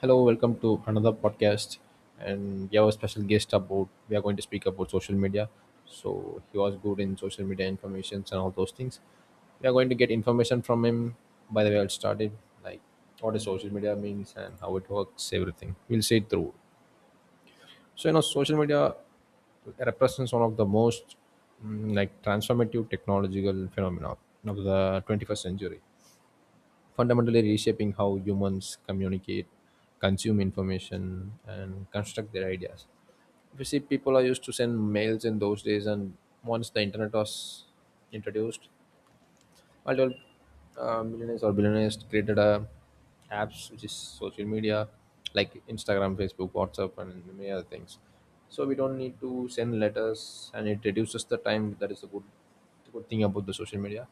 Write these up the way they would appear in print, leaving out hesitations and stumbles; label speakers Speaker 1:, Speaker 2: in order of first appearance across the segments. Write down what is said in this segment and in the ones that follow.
Speaker 1: Hello, welcome to another podcast, and we have a special guest about. We are going to speak about social media. So he was good in social media informations and all those things. We are going to get information from him. By the way, I'll start it like what is social media means and how it works, everything. We'll say it through. So you know, social media represents one of the most like transformative technological phenomena of the 21st century, fundamentally reshaping how humans communicate, consume information, and construct their ideas. If you see, people are used to send mails in those days, and once the internet was introduced, multiple millionaires or billionaires created a apps which is social media, like Instagram, Facebook, WhatsApp, and many other things. So we don't need to send letters, and it reduces the time. That is a good, the good thing about the social media.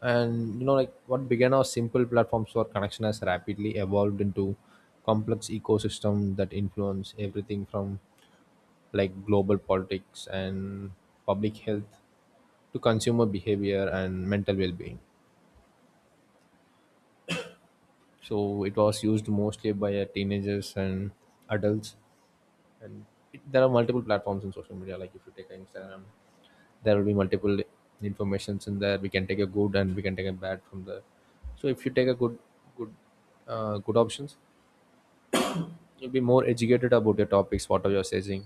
Speaker 1: And you know, like what began as simple platforms for connection has rapidly evolved into complex ecosystem that influence everything from like global politics and public health to consumer behavior and mental well-being. So it was used mostly by teenagers and adults. And it, there are multiple platforms in social media. Like if you take Instagram, there will be multiple informations in there. We can take a good and we can take a bad from there. So if you take a good good good options, you'll be more educated about the topics what you're saying.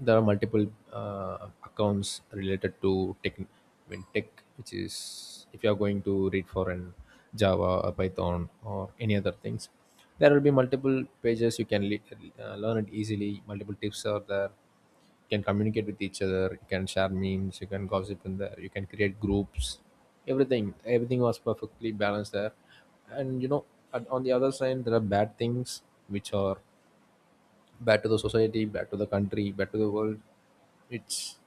Speaker 1: There are multiple accounts related to tech, I mean tech, which is if you're going to read for an Java or Python or any other things, there will be multiple pages you can learn it easily. Multiple tips are there, you can communicate with each other, you can share memes, you can gossip in there, you can create groups. Everything, everything was perfectly balanced there. And you know, on the other side there are bad things, which are back to the society, back to the country, back to the world. It's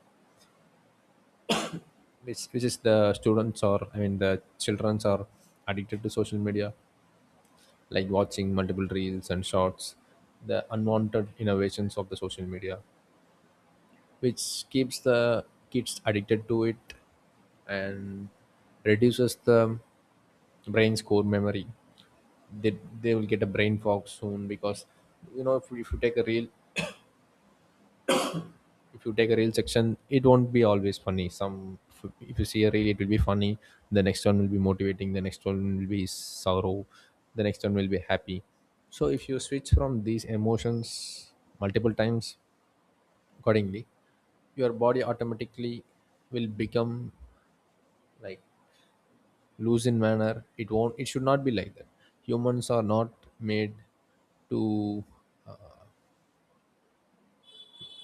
Speaker 1: which is the students, or I mean the childrens are addicted to social media, like watching multiple reels and shorts, the unwanted innovations of the social media, which keeps the kids addicted to it and reduces the brain's core memory. They will get a brain fog soon because you know, if you take a reel, if you take a real section, it won't be always funny. Some if, you see a reel, it will be funny, the next one will be motivating, the next one will be sorrow, the next one will be happy. So if you switch from these emotions multiple times accordingly, your body automatically will become like loose in manner. It won't, it should not be like that. Humans are not made to uh,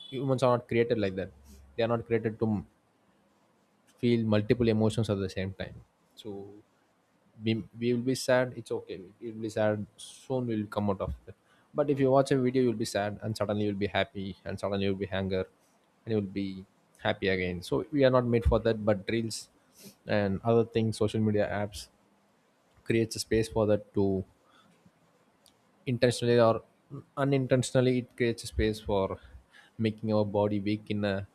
Speaker 1: humans are not created like that. They are not created to feel multiple emotions at the same time. So we will be sad, it's okay. We will be sad, soon we will come out of it. But if you watch a video, you'll be sad, and suddenly you'll be happy, and suddenly you'll be anger, and you'll be happy again. So we are not made for that, but reels and other things, social media apps creates a space for that to intentionally or unintentionally, it creates a space for making our body weak in a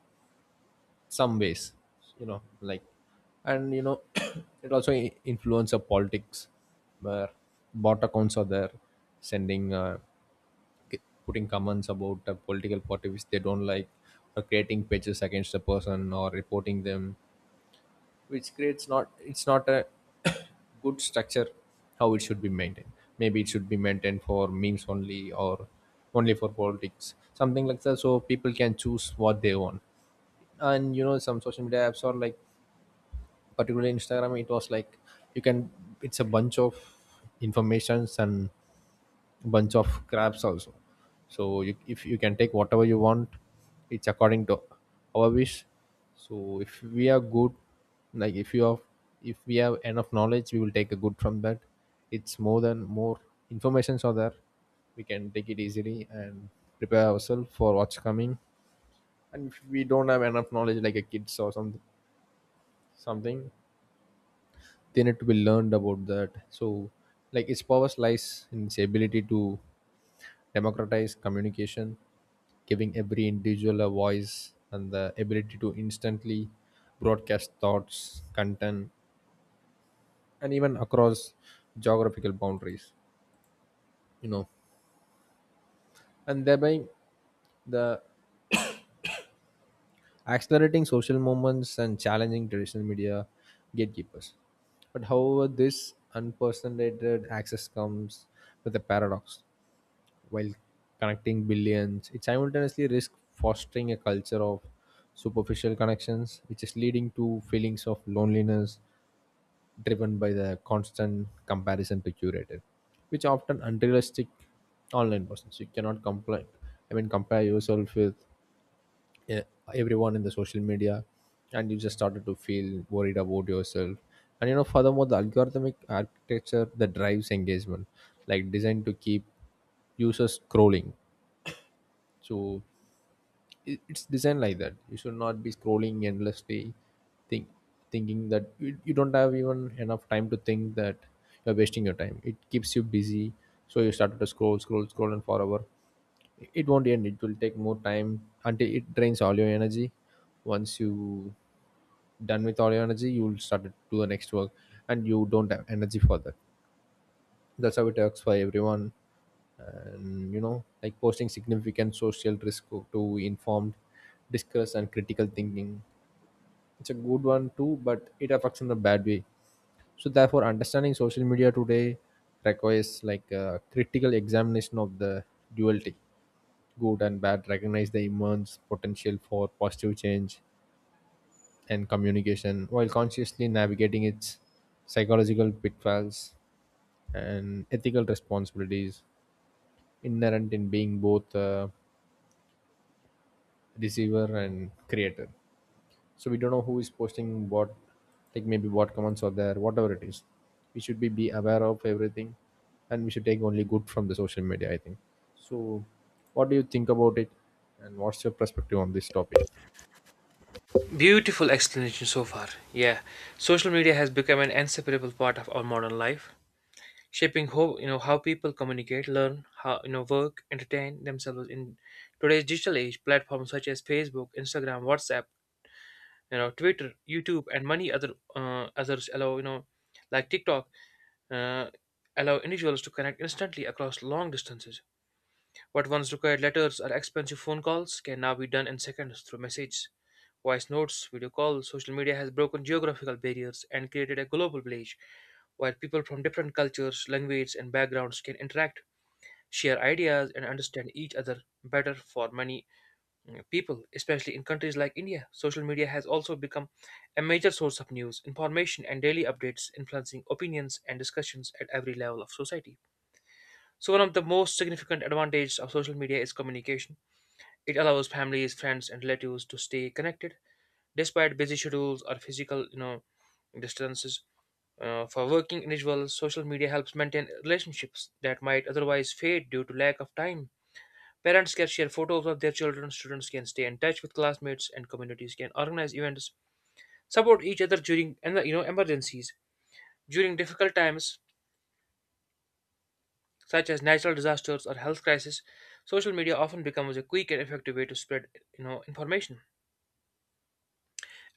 Speaker 1: some ways, you know, like. And you know, it also influence the politics, where bot accounts are there, sending k- putting comments about a political party which they don't like, or creating pages against the person or reporting them, which creates not, it's not a good structure how it should be maintained. Maybe it should be maintained for memes only, or only for politics, something like that, so people can choose what they want. And you know, some social media apps are like, particularly Instagram, it was like, you can, it's a bunch of informations and bunch of crabs also. So you, if you can take whatever you want, it's according to our wish. So if we are good, like if you have, if we have enough knowledge, we will take a good from that. It's more than more informations are there, we can take it easily and prepare ourselves for what's coming. And if we don't have enough knowledge, like a kids or some, something, they need to be learned about that. So like, its power lies in its ability to democratize communication, giving every individual a voice and the ability to instantly broadcast thoughts, content, and even across geographical boundaries, you know, and thereby the accelerating social movements and challenging traditional media gatekeepers. But however, this unprecedented access comes with a paradox. While connecting billions, it simultaneously risks fostering a culture of superficial connections, which is leading to feelings of loneliness driven by the constant comparison to curated, which are often unrealistic online persons. You cannot complain. I mean, compare yourself with uh, everyone in the social media, and you just started to feel worried about yourself. And you know, furthermore, the algorithmic architecture that drives engagement, like designed to keep users scrolling. So it's designed like that, you should not be scrolling endlessly, think thinking that you don't have even enough time to think that you're wasting your time. It keeps you busy. So you started to scroll, scroll, scroll and forever. It won't end, it will take more time until it drains all your energy. Once you done with all your energy, you will start to do the next work, and you don't have energy for that. That's how it works for everyone. And you know, like posting significant social risk to informed discuss and critical thinking. It's a good one too, but it affects in a bad way. So therefore understanding social media today requires like a critical examination of the duality, good and bad. Recognize the immense potential for positive change and communication while consciously navigating its psychological pitfalls and ethical responsibilities inherent in being both receiver and creator. So we don't know who is posting what, like maybe what comments are there, whatever it is, be aware of everything, and we should take only good from the social media, I think. So what do you think about it, and what's your perspective on this topic?
Speaker 2: Beautiful explanation so far. Yeah, social media has become an inseparable part of our modern life, shaping how you know how people communicate, learn, how work, entertain themselves in today's digital age. Platforms such as Facebook, Instagram, WhatsApp, Twitter, YouTube, and many others allow you know like TikTok uh, allow individuals to connect instantly across long distances. What once required letters or expensive phone calls can now be done in seconds through messages, voice notes, video calls. Social media has broken geographical barriers and created a global village where people from different cultures, languages, and backgrounds can interact, share ideas, and understand each other better for people, especially in countries like India. Social media has also become a major source of news, information, and daily updates, influencing opinions and discussions at every level of society. So, one of the most significant advantages of social media is communication. It allows families, friends, and relatives to stay connected despite busy schedules or physical, distances. For working individuals, social media helps maintain relationships that might otherwise fade due to lack of time. Parents can share photos of their children, students can stay in touch with classmates, and communities can organize events, support each other during and you know emergencies. During difficult times, such as natural disasters or health crises, social media often becomes a quick and effective way to spread information,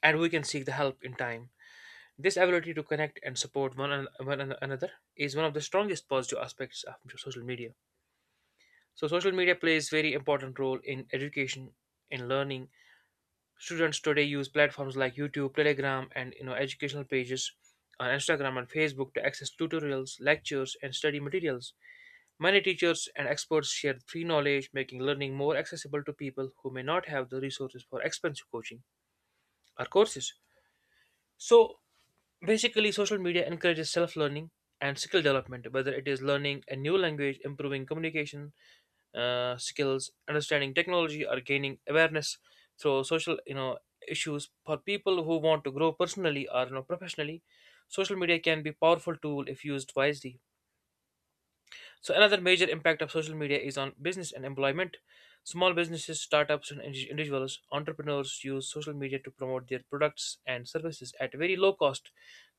Speaker 2: and we can seek the help in time. This ability to connect and support another is one of the strongest positive aspects of social media. So, social media plays very important role in education, in learning. Students today use platforms like YouTube, Telegram, and educational pages on Instagram and Facebook to access tutorials, lectures, and study materials. Many teachers and experts share free knowledge, making learning more accessible to people who may not have the resources for expensive coaching or courses. So, basically, social media encourages self learning and skill development, whether it is learning a new language, improving communication skills, understanding technology, or gaining awareness through social issues. For people who want to grow personally or professionally, social media can be powerful tool if used wisely. So another major impact of social media is on business and employment. Small businesses, startups, and individuals, entrepreneurs use social media to promote their products and services at very low cost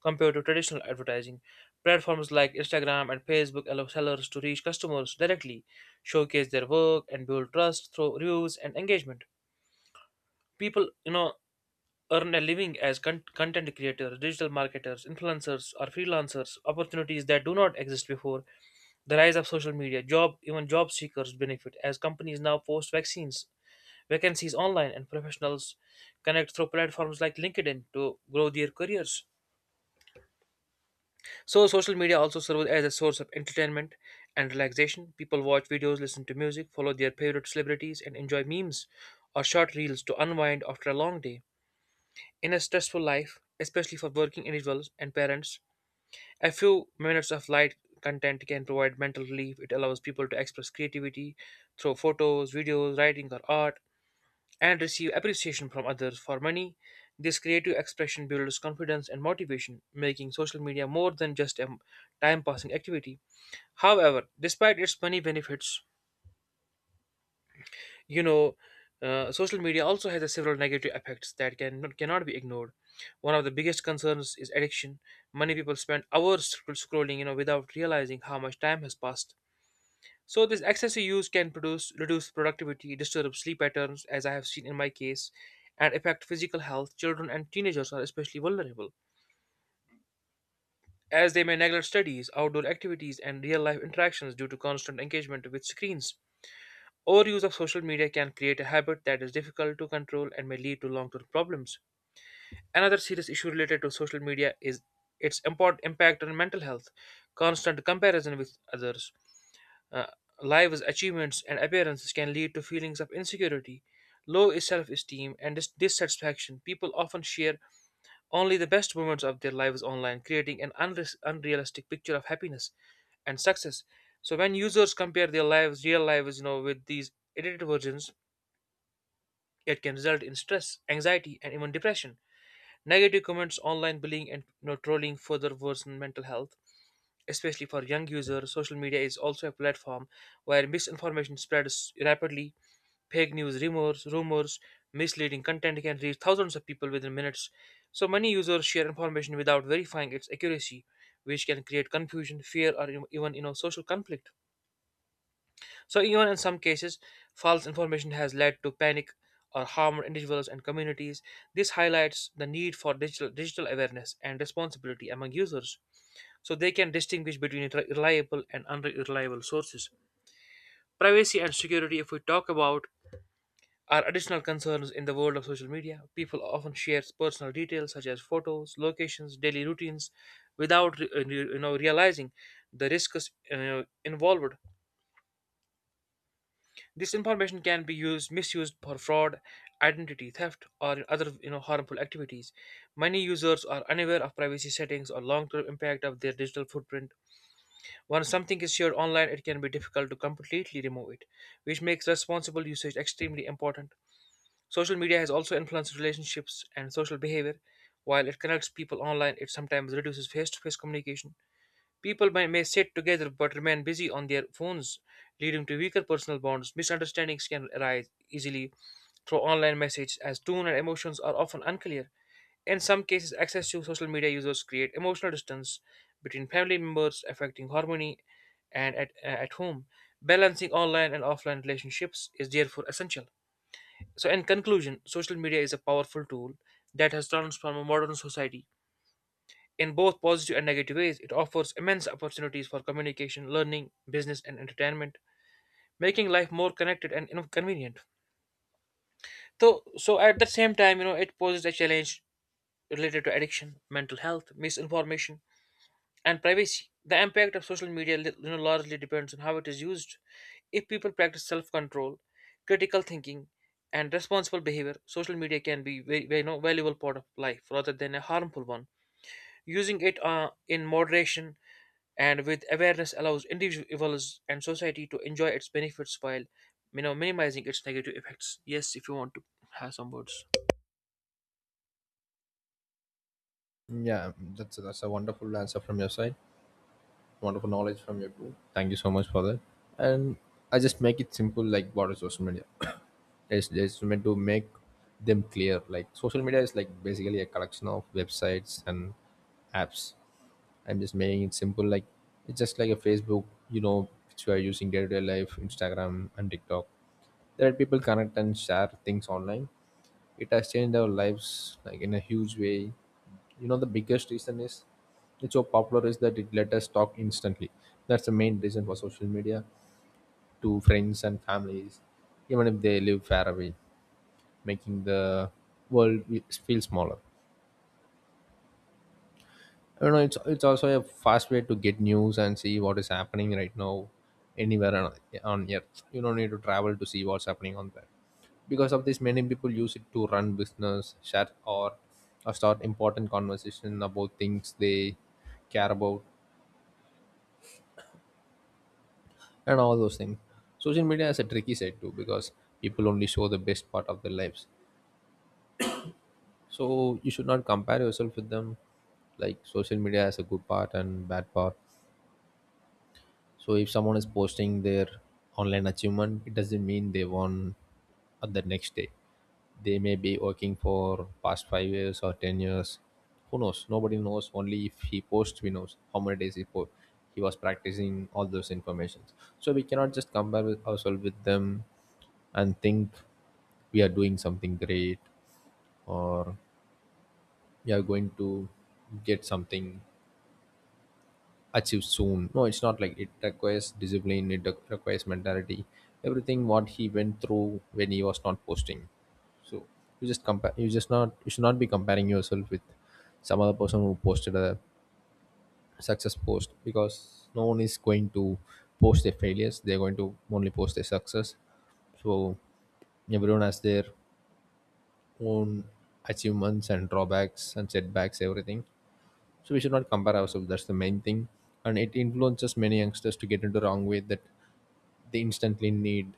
Speaker 2: compared to traditional advertising. Platforms like Instagram and Facebook allow sellers to reach customers directly, showcase their work, and build trust through reviews and engagement. People, earn a living as content creators, digital marketers, influencers, or freelancers, opportunities that do not exist before. The rise of social media, job even job seekers benefit as companies now post vaccines vacancies online and professionals connect through platforms like LinkedIn to grow their careers. So social media also serves as a source of entertainment and relaxation. People watch videos, listen to music, follow their favorite celebrities and enjoy memes or short reels to unwind after a long day. In a stressful life, especially for working individuals and parents, a few minutes of light content can provide mental relief. It allows people to express creativity through photos, videos, writing, or art and receive appreciation from others for money. This creative expression builds confidence and motivation, making social media more than just a time passing activity. However, despite its many benefits, you know social media also has a several negative effects that cannot be ignored. One of the biggest concerns is addiction. Many people spend hours scrolling without realizing how much time has passed. So this excessive use can produce reduce productivity, disturb sleep patterns as I have seen in my case, and affect physical health. Children and teenagers are especially vulnerable as they may neglect studies, outdoor activities, and real life interactions due to constant engagement with screens. Overuse of social media can create a habit that is difficult to control and may lead to long term problems. Another serious issue related to social media is impact on mental health. Constant comparison with others, uh, lives, achievements, and appearances can lead to feelings of insecurity, low self esteem, and dissatisfaction. People often share only the best moments of their lives online, creating unrealistic picture of happiness and success. So when users compare their lives, real lives, with these edited versions, it can result in stress, anxiety, and even depression. Negative comments, online bullying, and trolling further worsen mental health. Especially for young users, social media is also a platform where misinformation spreads rapidly. Fake news, rumors, misleading content can reach thousands of people within minutes. So many users share information without verifying its accuracy, which can create confusion, fear, even social conflict. So, even in some cases, false information has led to panic or harmed individuals and communities. This highlights the need for digital awareness and responsibility among users so they can distinguish between reliable and unreliable sources. Privacy and security, if we talk about, are additional concerns in the world of social media. People often share personal details such as photos, locations, daily routines without realizing the risks you involved. This information can be used misused for fraud, identity theft, or other harmful activities. Many users are unaware of privacy settings or long-term impact of their digital footprint. Once something is shared online, it can be difficult to completely remove it, which makes responsible usage extremely important. Social media has also influenced relationships and social behavior. While it connects people online, it sometimes reduces face-to-face communication. People may sit together but remain busy on their phones, leading to weaker personal bonds. Misunderstandings can arise easily through online messages, as tone and emotions are often unclear. In some cases, access to social media users create emotional distance between family members, affecting harmony and at home. Balancing online and offline relationships is therefore essential. So, in conclusion, social media is a powerful tool that has transformed modern society in both positive and negative ways. It offers immense opportunities for communication, learning, business, and entertainment, making life more connected and convenient. So, at the same time, it poses a challenge related to addiction, mental health, misinformation, and privacy. The impact of social media, largely depends on how it is used. If people practice self-control, critical thinking, and responsible behavior, social media can be very, very valuable part of life rather than a harmful one. Using it in moderation and with awareness allows individuals and society to enjoy its benefits while minimizing its negative effects. Yes, if you want to have some words.
Speaker 1: Yeah, that's a wonderful answer from your side, wonderful knowledge from your group. Thank you so much for that. And I just make it simple, like what is social media. It's just meant to make them clear. Like social media is like basically a collection of websites and apps. I'm just making it simple. Like it's just like a Facebook, you know, which you are using day to day life, Instagram and TikTok. There are people connect and share things online. It has changed our lives like in a huge way. You know, the biggest reason is it's so popular is that it let us talk instantly. That's the main reason for social media, to friends and families, even if they live far away, making the feel smaller. You know, it's also a fast way to get news and see what is happening right now anywhere on earth. You don't need to travel to see what's happening on that. Because of this, many people use it to run business, share or start important conversation about things they care about and all those things. Social media has a tricky side too, because people only show the best part of their lives. So you should not compare yourself with them. Like social media has a good part and bad part. So if someone is posting their online achievement, it doesn't mean they won at the next day. They may be working for past 5 years or 10 years. Who knows? Nobody knows. Only if he posts, we knows how many days he was practicing all those informations. So we cannot just compare with ourselves with them and think we are doing something great, or we are going to get something achieve soon. No, it's not like. It requires discipline, it requires mentality, everything what he went through when he was not posting. So you just compare, you just not, you should not be comparing yourself with some other person who posted a success post, because no one is going to post their failures, they're going to only post their success. So everyone has their own achievements and drawbacks and setbacks, everything, so we should not compare ourselves. That's the main thing, and it influences many youngsters to get into wrong way, that they instantly need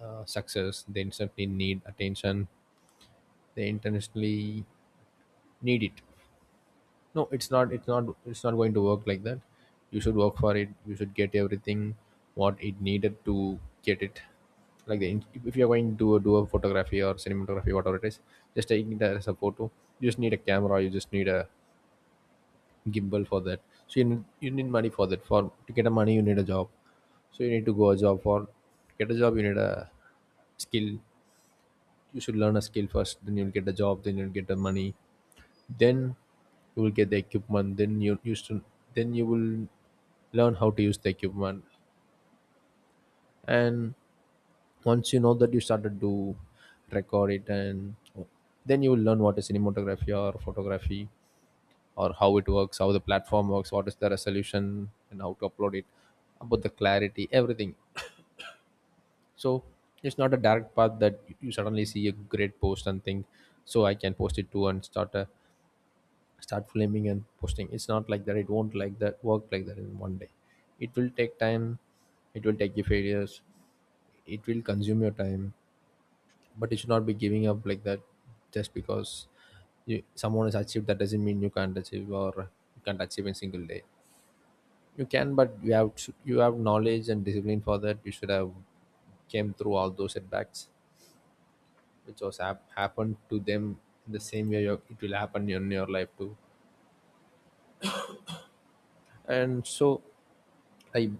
Speaker 1: success, they instantly need attention, they instantly need it. No, it's not going to work like that. You should work for it, you should get everything what it needed to get it. Like if you're going to do a photography or cinematography, whatever it is, just taking it as a photo, you just need a camera, you just need a gimbal for that. So you need money for that. For to get a money, you need a job. So you need to go a job for to get a job. You need a skill. You should learn a skill first. Then you'll get a job. Then you'll get the money. Then you will get the equipment. Then you used to. Then you will learn how to use the equipment. And once you know that, you started to record it, and then you will learn what is cinematography or photography, or how it works, how the platform works, what is the resolution, and how to upload it, about the clarity, everything. So it's not a direct path that you suddenly see a great post and think, so I can post it too and start flaming and posting. It's not like that. It won't like that work like that in 1 day. It will take time. It will take you failures. It will consume your time. But you should not be giving up like that just because someone has achieved, that doesn't mean you can't achieve or you can't achieve in single day. You can, but you have knowledge and discipline for that. You should have came through all those setbacks, which was happened to them. The same way your, it will happen in your life too. And so, like,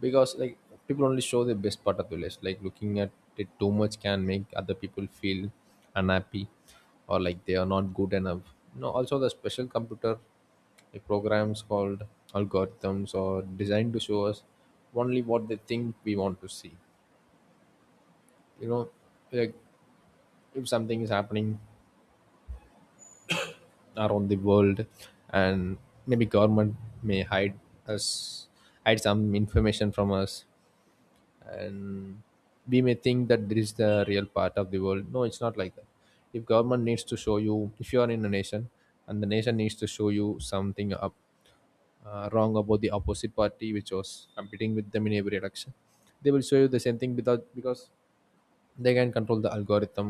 Speaker 1: because like people only show the best part of the list. Like looking at it too much can make other people feel unhappy or like they are not good enough. No, also the special computer like programs called algorithms are designed to show us only what they think we want to see, you know, like if something is happening around the world, and maybe government may us hide some information from us, and we may think that this is the real part of the world. No, it's not like that. If government needs to show you, if you are in a nation and the nation needs to show you something up, wrong about the opposite party which was competing with them in every election, they will show you the same thing without because they can control the algorithm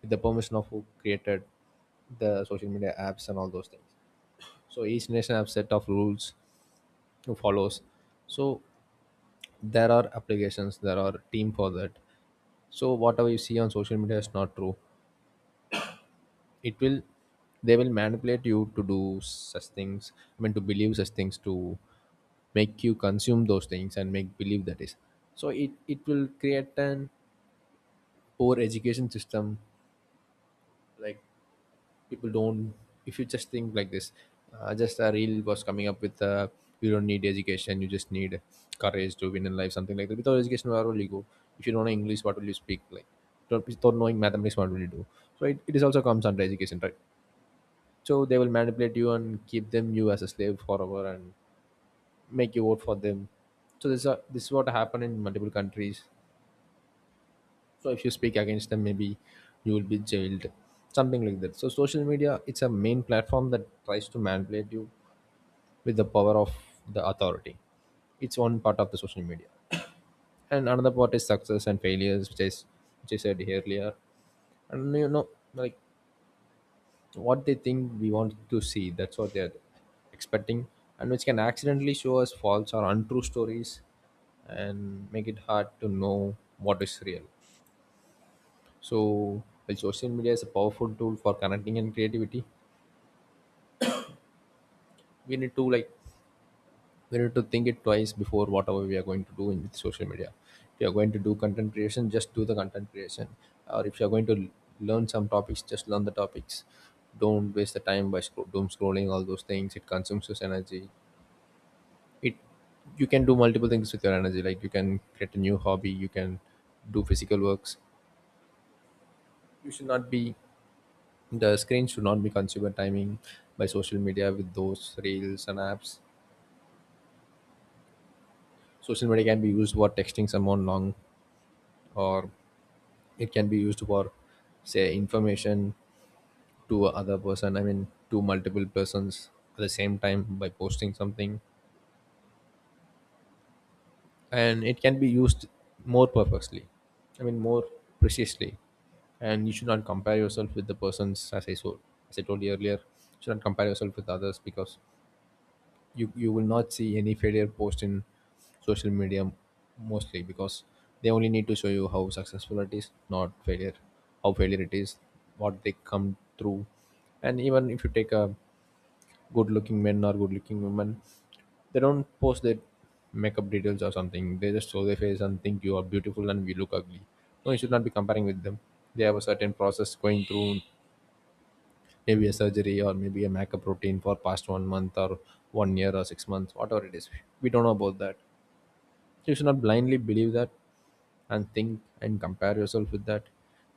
Speaker 1: with the permission of who created the social media apps and all those things. So each nation have set of rules to follows. So there are applications, there are team for that. So whatever you see on social media is not true. It will, they will manipulate you to do such things. I mean, to believe such things, to make you consume those things and make believe that is. So it will create an poor education system, like people don't, if you just think like this, just a reel was coming up with you don't need education, you just need courage to win in life, something like that. Without education, where will you go? If you don't know English, what will you speak? Like without knowing mathematics, what will you do? So it is also comes under education, right? So they will manipulate you and keep them you as a slave forever and make you vote for them. So this is what happened in multiple countries. So if you speak against them, maybe you will be jailed, something like that. So social media, it's a main platform that tries to manipulate you with the power of the authority. It's one part of the social media, and another part is success and failures, which is which I said earlier. And you know, like what they think we want to see, that's what they're expecting, and which can accidentally show us false or untrue stories and make it hard to know what is real. So while social media is a powerful tool for connecting and creativity, we need to like we need to think it twice before whatever we are going to do in with social media. If you are going to do content creation, just do the content creation. Or if you are going to learn some topics, just learn the topics. Don't waste the time by doom scrolling all those things. It consumes your energy. It, you can do multiple things with your energy. Like you can create a new hobby. You can do physical works. You should not be, the screen should not be consumed timing by social media with those reels and apps. Social media can be used for texting someone long, or it can be used for say information to other person. I mean, to multiple persons at the same time by posting something, and it can be used more purposely. I mean, more precisely. And you should not compare yourself with the persons as I so as I told you earlier. You should not compare yourself with others because you will not see any failure post in social media, mostly because they only need to show you how successful it is, not failure, how failure it is, what they come through. And even if you take a good looking men or good looking women, they don't post their makeup details or something. They just show their face and think you are beautiful and we look ugly. No, you should not be comparing with them. They have a certain process going through, maybe a surgery or maybe a maca protein for past 1 month or 1 year or 6 months, whatever it is. We don't know about that. You should not blindly believe that and think and compare yourself with that.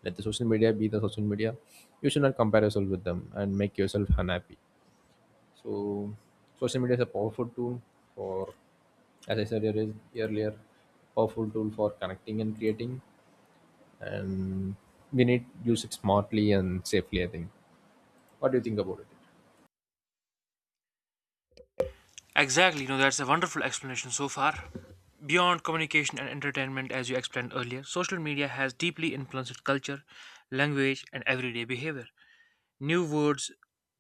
Speaker 1: Let the social media be the social media. You should not compare yourself with them and make yourself unhappy. So social media is a powerful tool for, as I said earlier, powerful tool for connecting and creating, and we need to use it smartly and safely. I think, what do you think about it?
Speaker 2: Exactly, you know, that's a wonderful explanation so far. Beyond communication and entertainment, as you explained earlier, social media has deeply influenced culture, language, and everyday behavior. New words,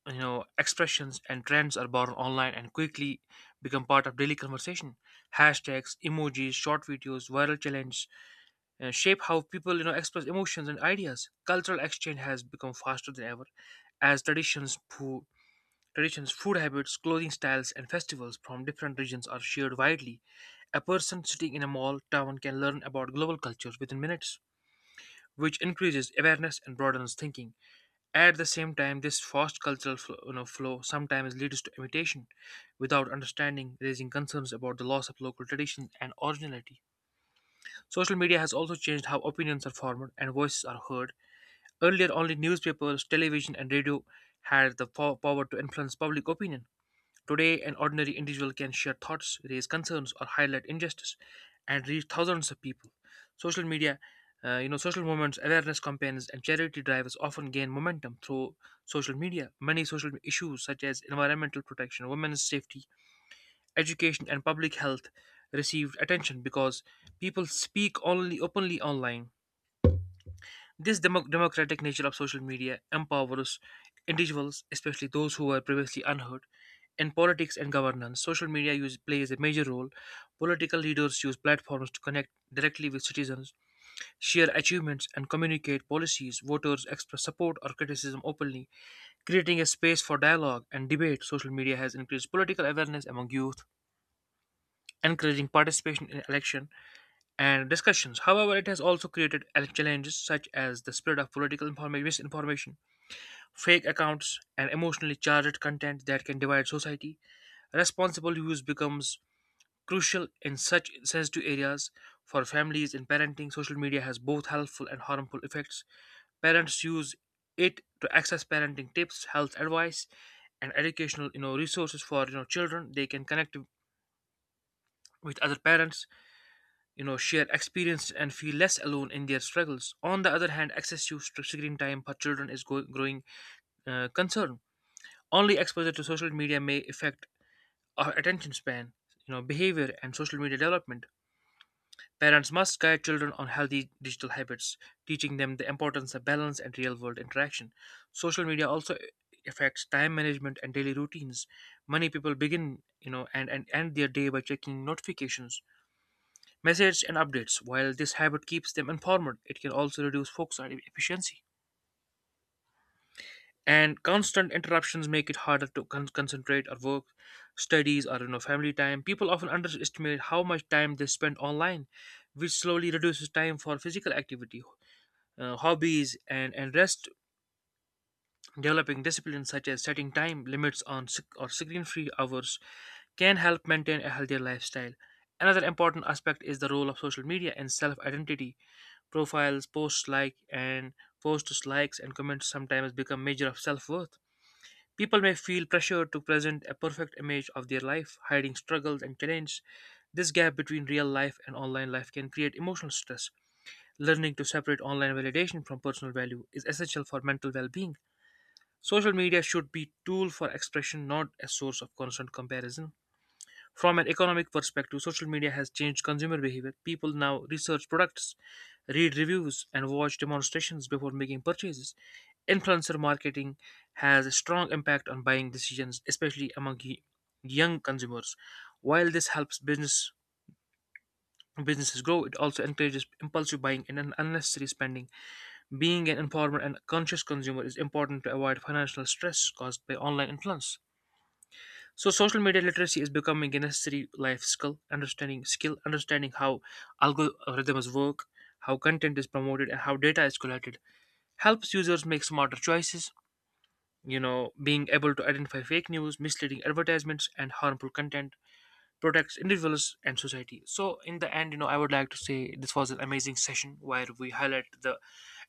Speaker 2: expressions, and trends are born online and quickly become part of daily conversation. Hashtags, emojis, short videos, viral challenges shape how people express emotions and ideas. Cultural exchange has become faster than ever, as traditions, food habits, clothing styles, and festivals from different regions are shared widely. A person sitting in a mall town can learn about global cultures within minutes, which increases awareness and broadens thinking. At the same time, this fast cultural flow sometimes leads to imitation without understanding, raising concerns about the loss of local traditions and originality. Social media has also changed how opinions are formed and voices are heard. Earlier, only newspapers, television, and radio had the power to influence public opinion. Today, an ordinary individual can share thoughts, raise concerns, or highlight injustice, and reach thousands of people. Social media, social movements, awareness campaigns, and charity drives often gain momentum through social media. Many social issues, such as environmental protection, women's safety, education, and public health received attention because people speak only openly online. This democratic nature of social media empowers individuals, especially those who were previously unheard. In politics and governance, social media use plays a major role. Political leaders use platforms to connect directly with citizens, share achievements, and communicate policies. Voters express support or criticism openly, creating a space for dialogue and debate. Social media has increased political awareness among youth, encouraging participation in elections and discussions. However, it has also created challenges such as the spread of misinformation, fake accounts, and emotionally charged content that can divide society. Responsible use becomes crucial in such sensitive areas for families in parenting. Social media has both helpful and harmful effects. Parents use it to access parenting tips, health advice, and educational resources for children. They can connect with other parents, share experience and feel less alone in their struggles. On the other hand, access to screen time for children is growing concern. Only exposure to social media may affect our attention span, behavior, and social media development. Parents must guide children on healthy digital habits, teaching them the importance of balance and real world interaction. Social media also affects time management and daily routines. Many people begin and end their day by checking notifications, message and updates. While this habit keeps them informed, it can also reduce focus and efficiency. And constant interruptions make it harder to concentrate or work, studies, or family time. People often underestimate how much time they spend online, which slowly reduces time for physical activity, hobbies, and rest. Developing disciplines such as setting time limits on or screen-free hours can help maintain a healthier lifestyle. Another important aspect is the role of social media and self identity. Profiles, posts, likes and comments sometimes become measure of self-worth. People may feel pressure to present a perfect image of their life, hiding struggles and challenges. This gap between real life and online life can create emotional stress. Learning to separate online validation from personal value is essential for mental well-being. Social media should be a tool for expression, not a source of constant comparison. From an economic perspective, social media has changed consumer behavior. People now research products, read reviews, and watch demonstrations before making purchases. Influencer marketing has a strong impact on buying decisions, especially among young consumers. While this helps businesses grow, it also encourages impulsive buying and unnecessary spending. Being an informed and conscious consumer is important to avoid financial stress caused by online influence. So social media literacy is becoming a necessary life skill, understanding how algorithms work, how content is promoted, and how data is collected helps users make smarter choices. You know, being able to identify fake news, misleading advertisements, and harmful content protects individuals and society. So, in the end, you know, I would like to say this was an amazing session where we highlight the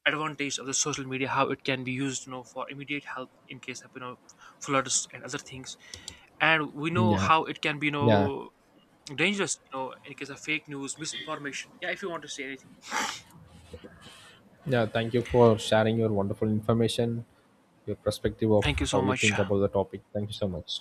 Speaker 2: advantage of the social media, how it can be used, you know, for immediate help in case of floods and other things, and we know
Speaker 1: Yeah.
Speaker 2: how it can be
Speaker 1: Yeah.
Speaker 2: dangerous, you know, in case of fake news, misinformation. Yeah, if you want to say anything,
Speaker 1: Yeah, thank you for sharing your wonderful information, your perspective of
Speaker 2: thank you
Speaker 1: how
Speaker 2: so
Speaker 1: you
Speaker 2: much.
Speaker 1: think about the topic. Thank you so much.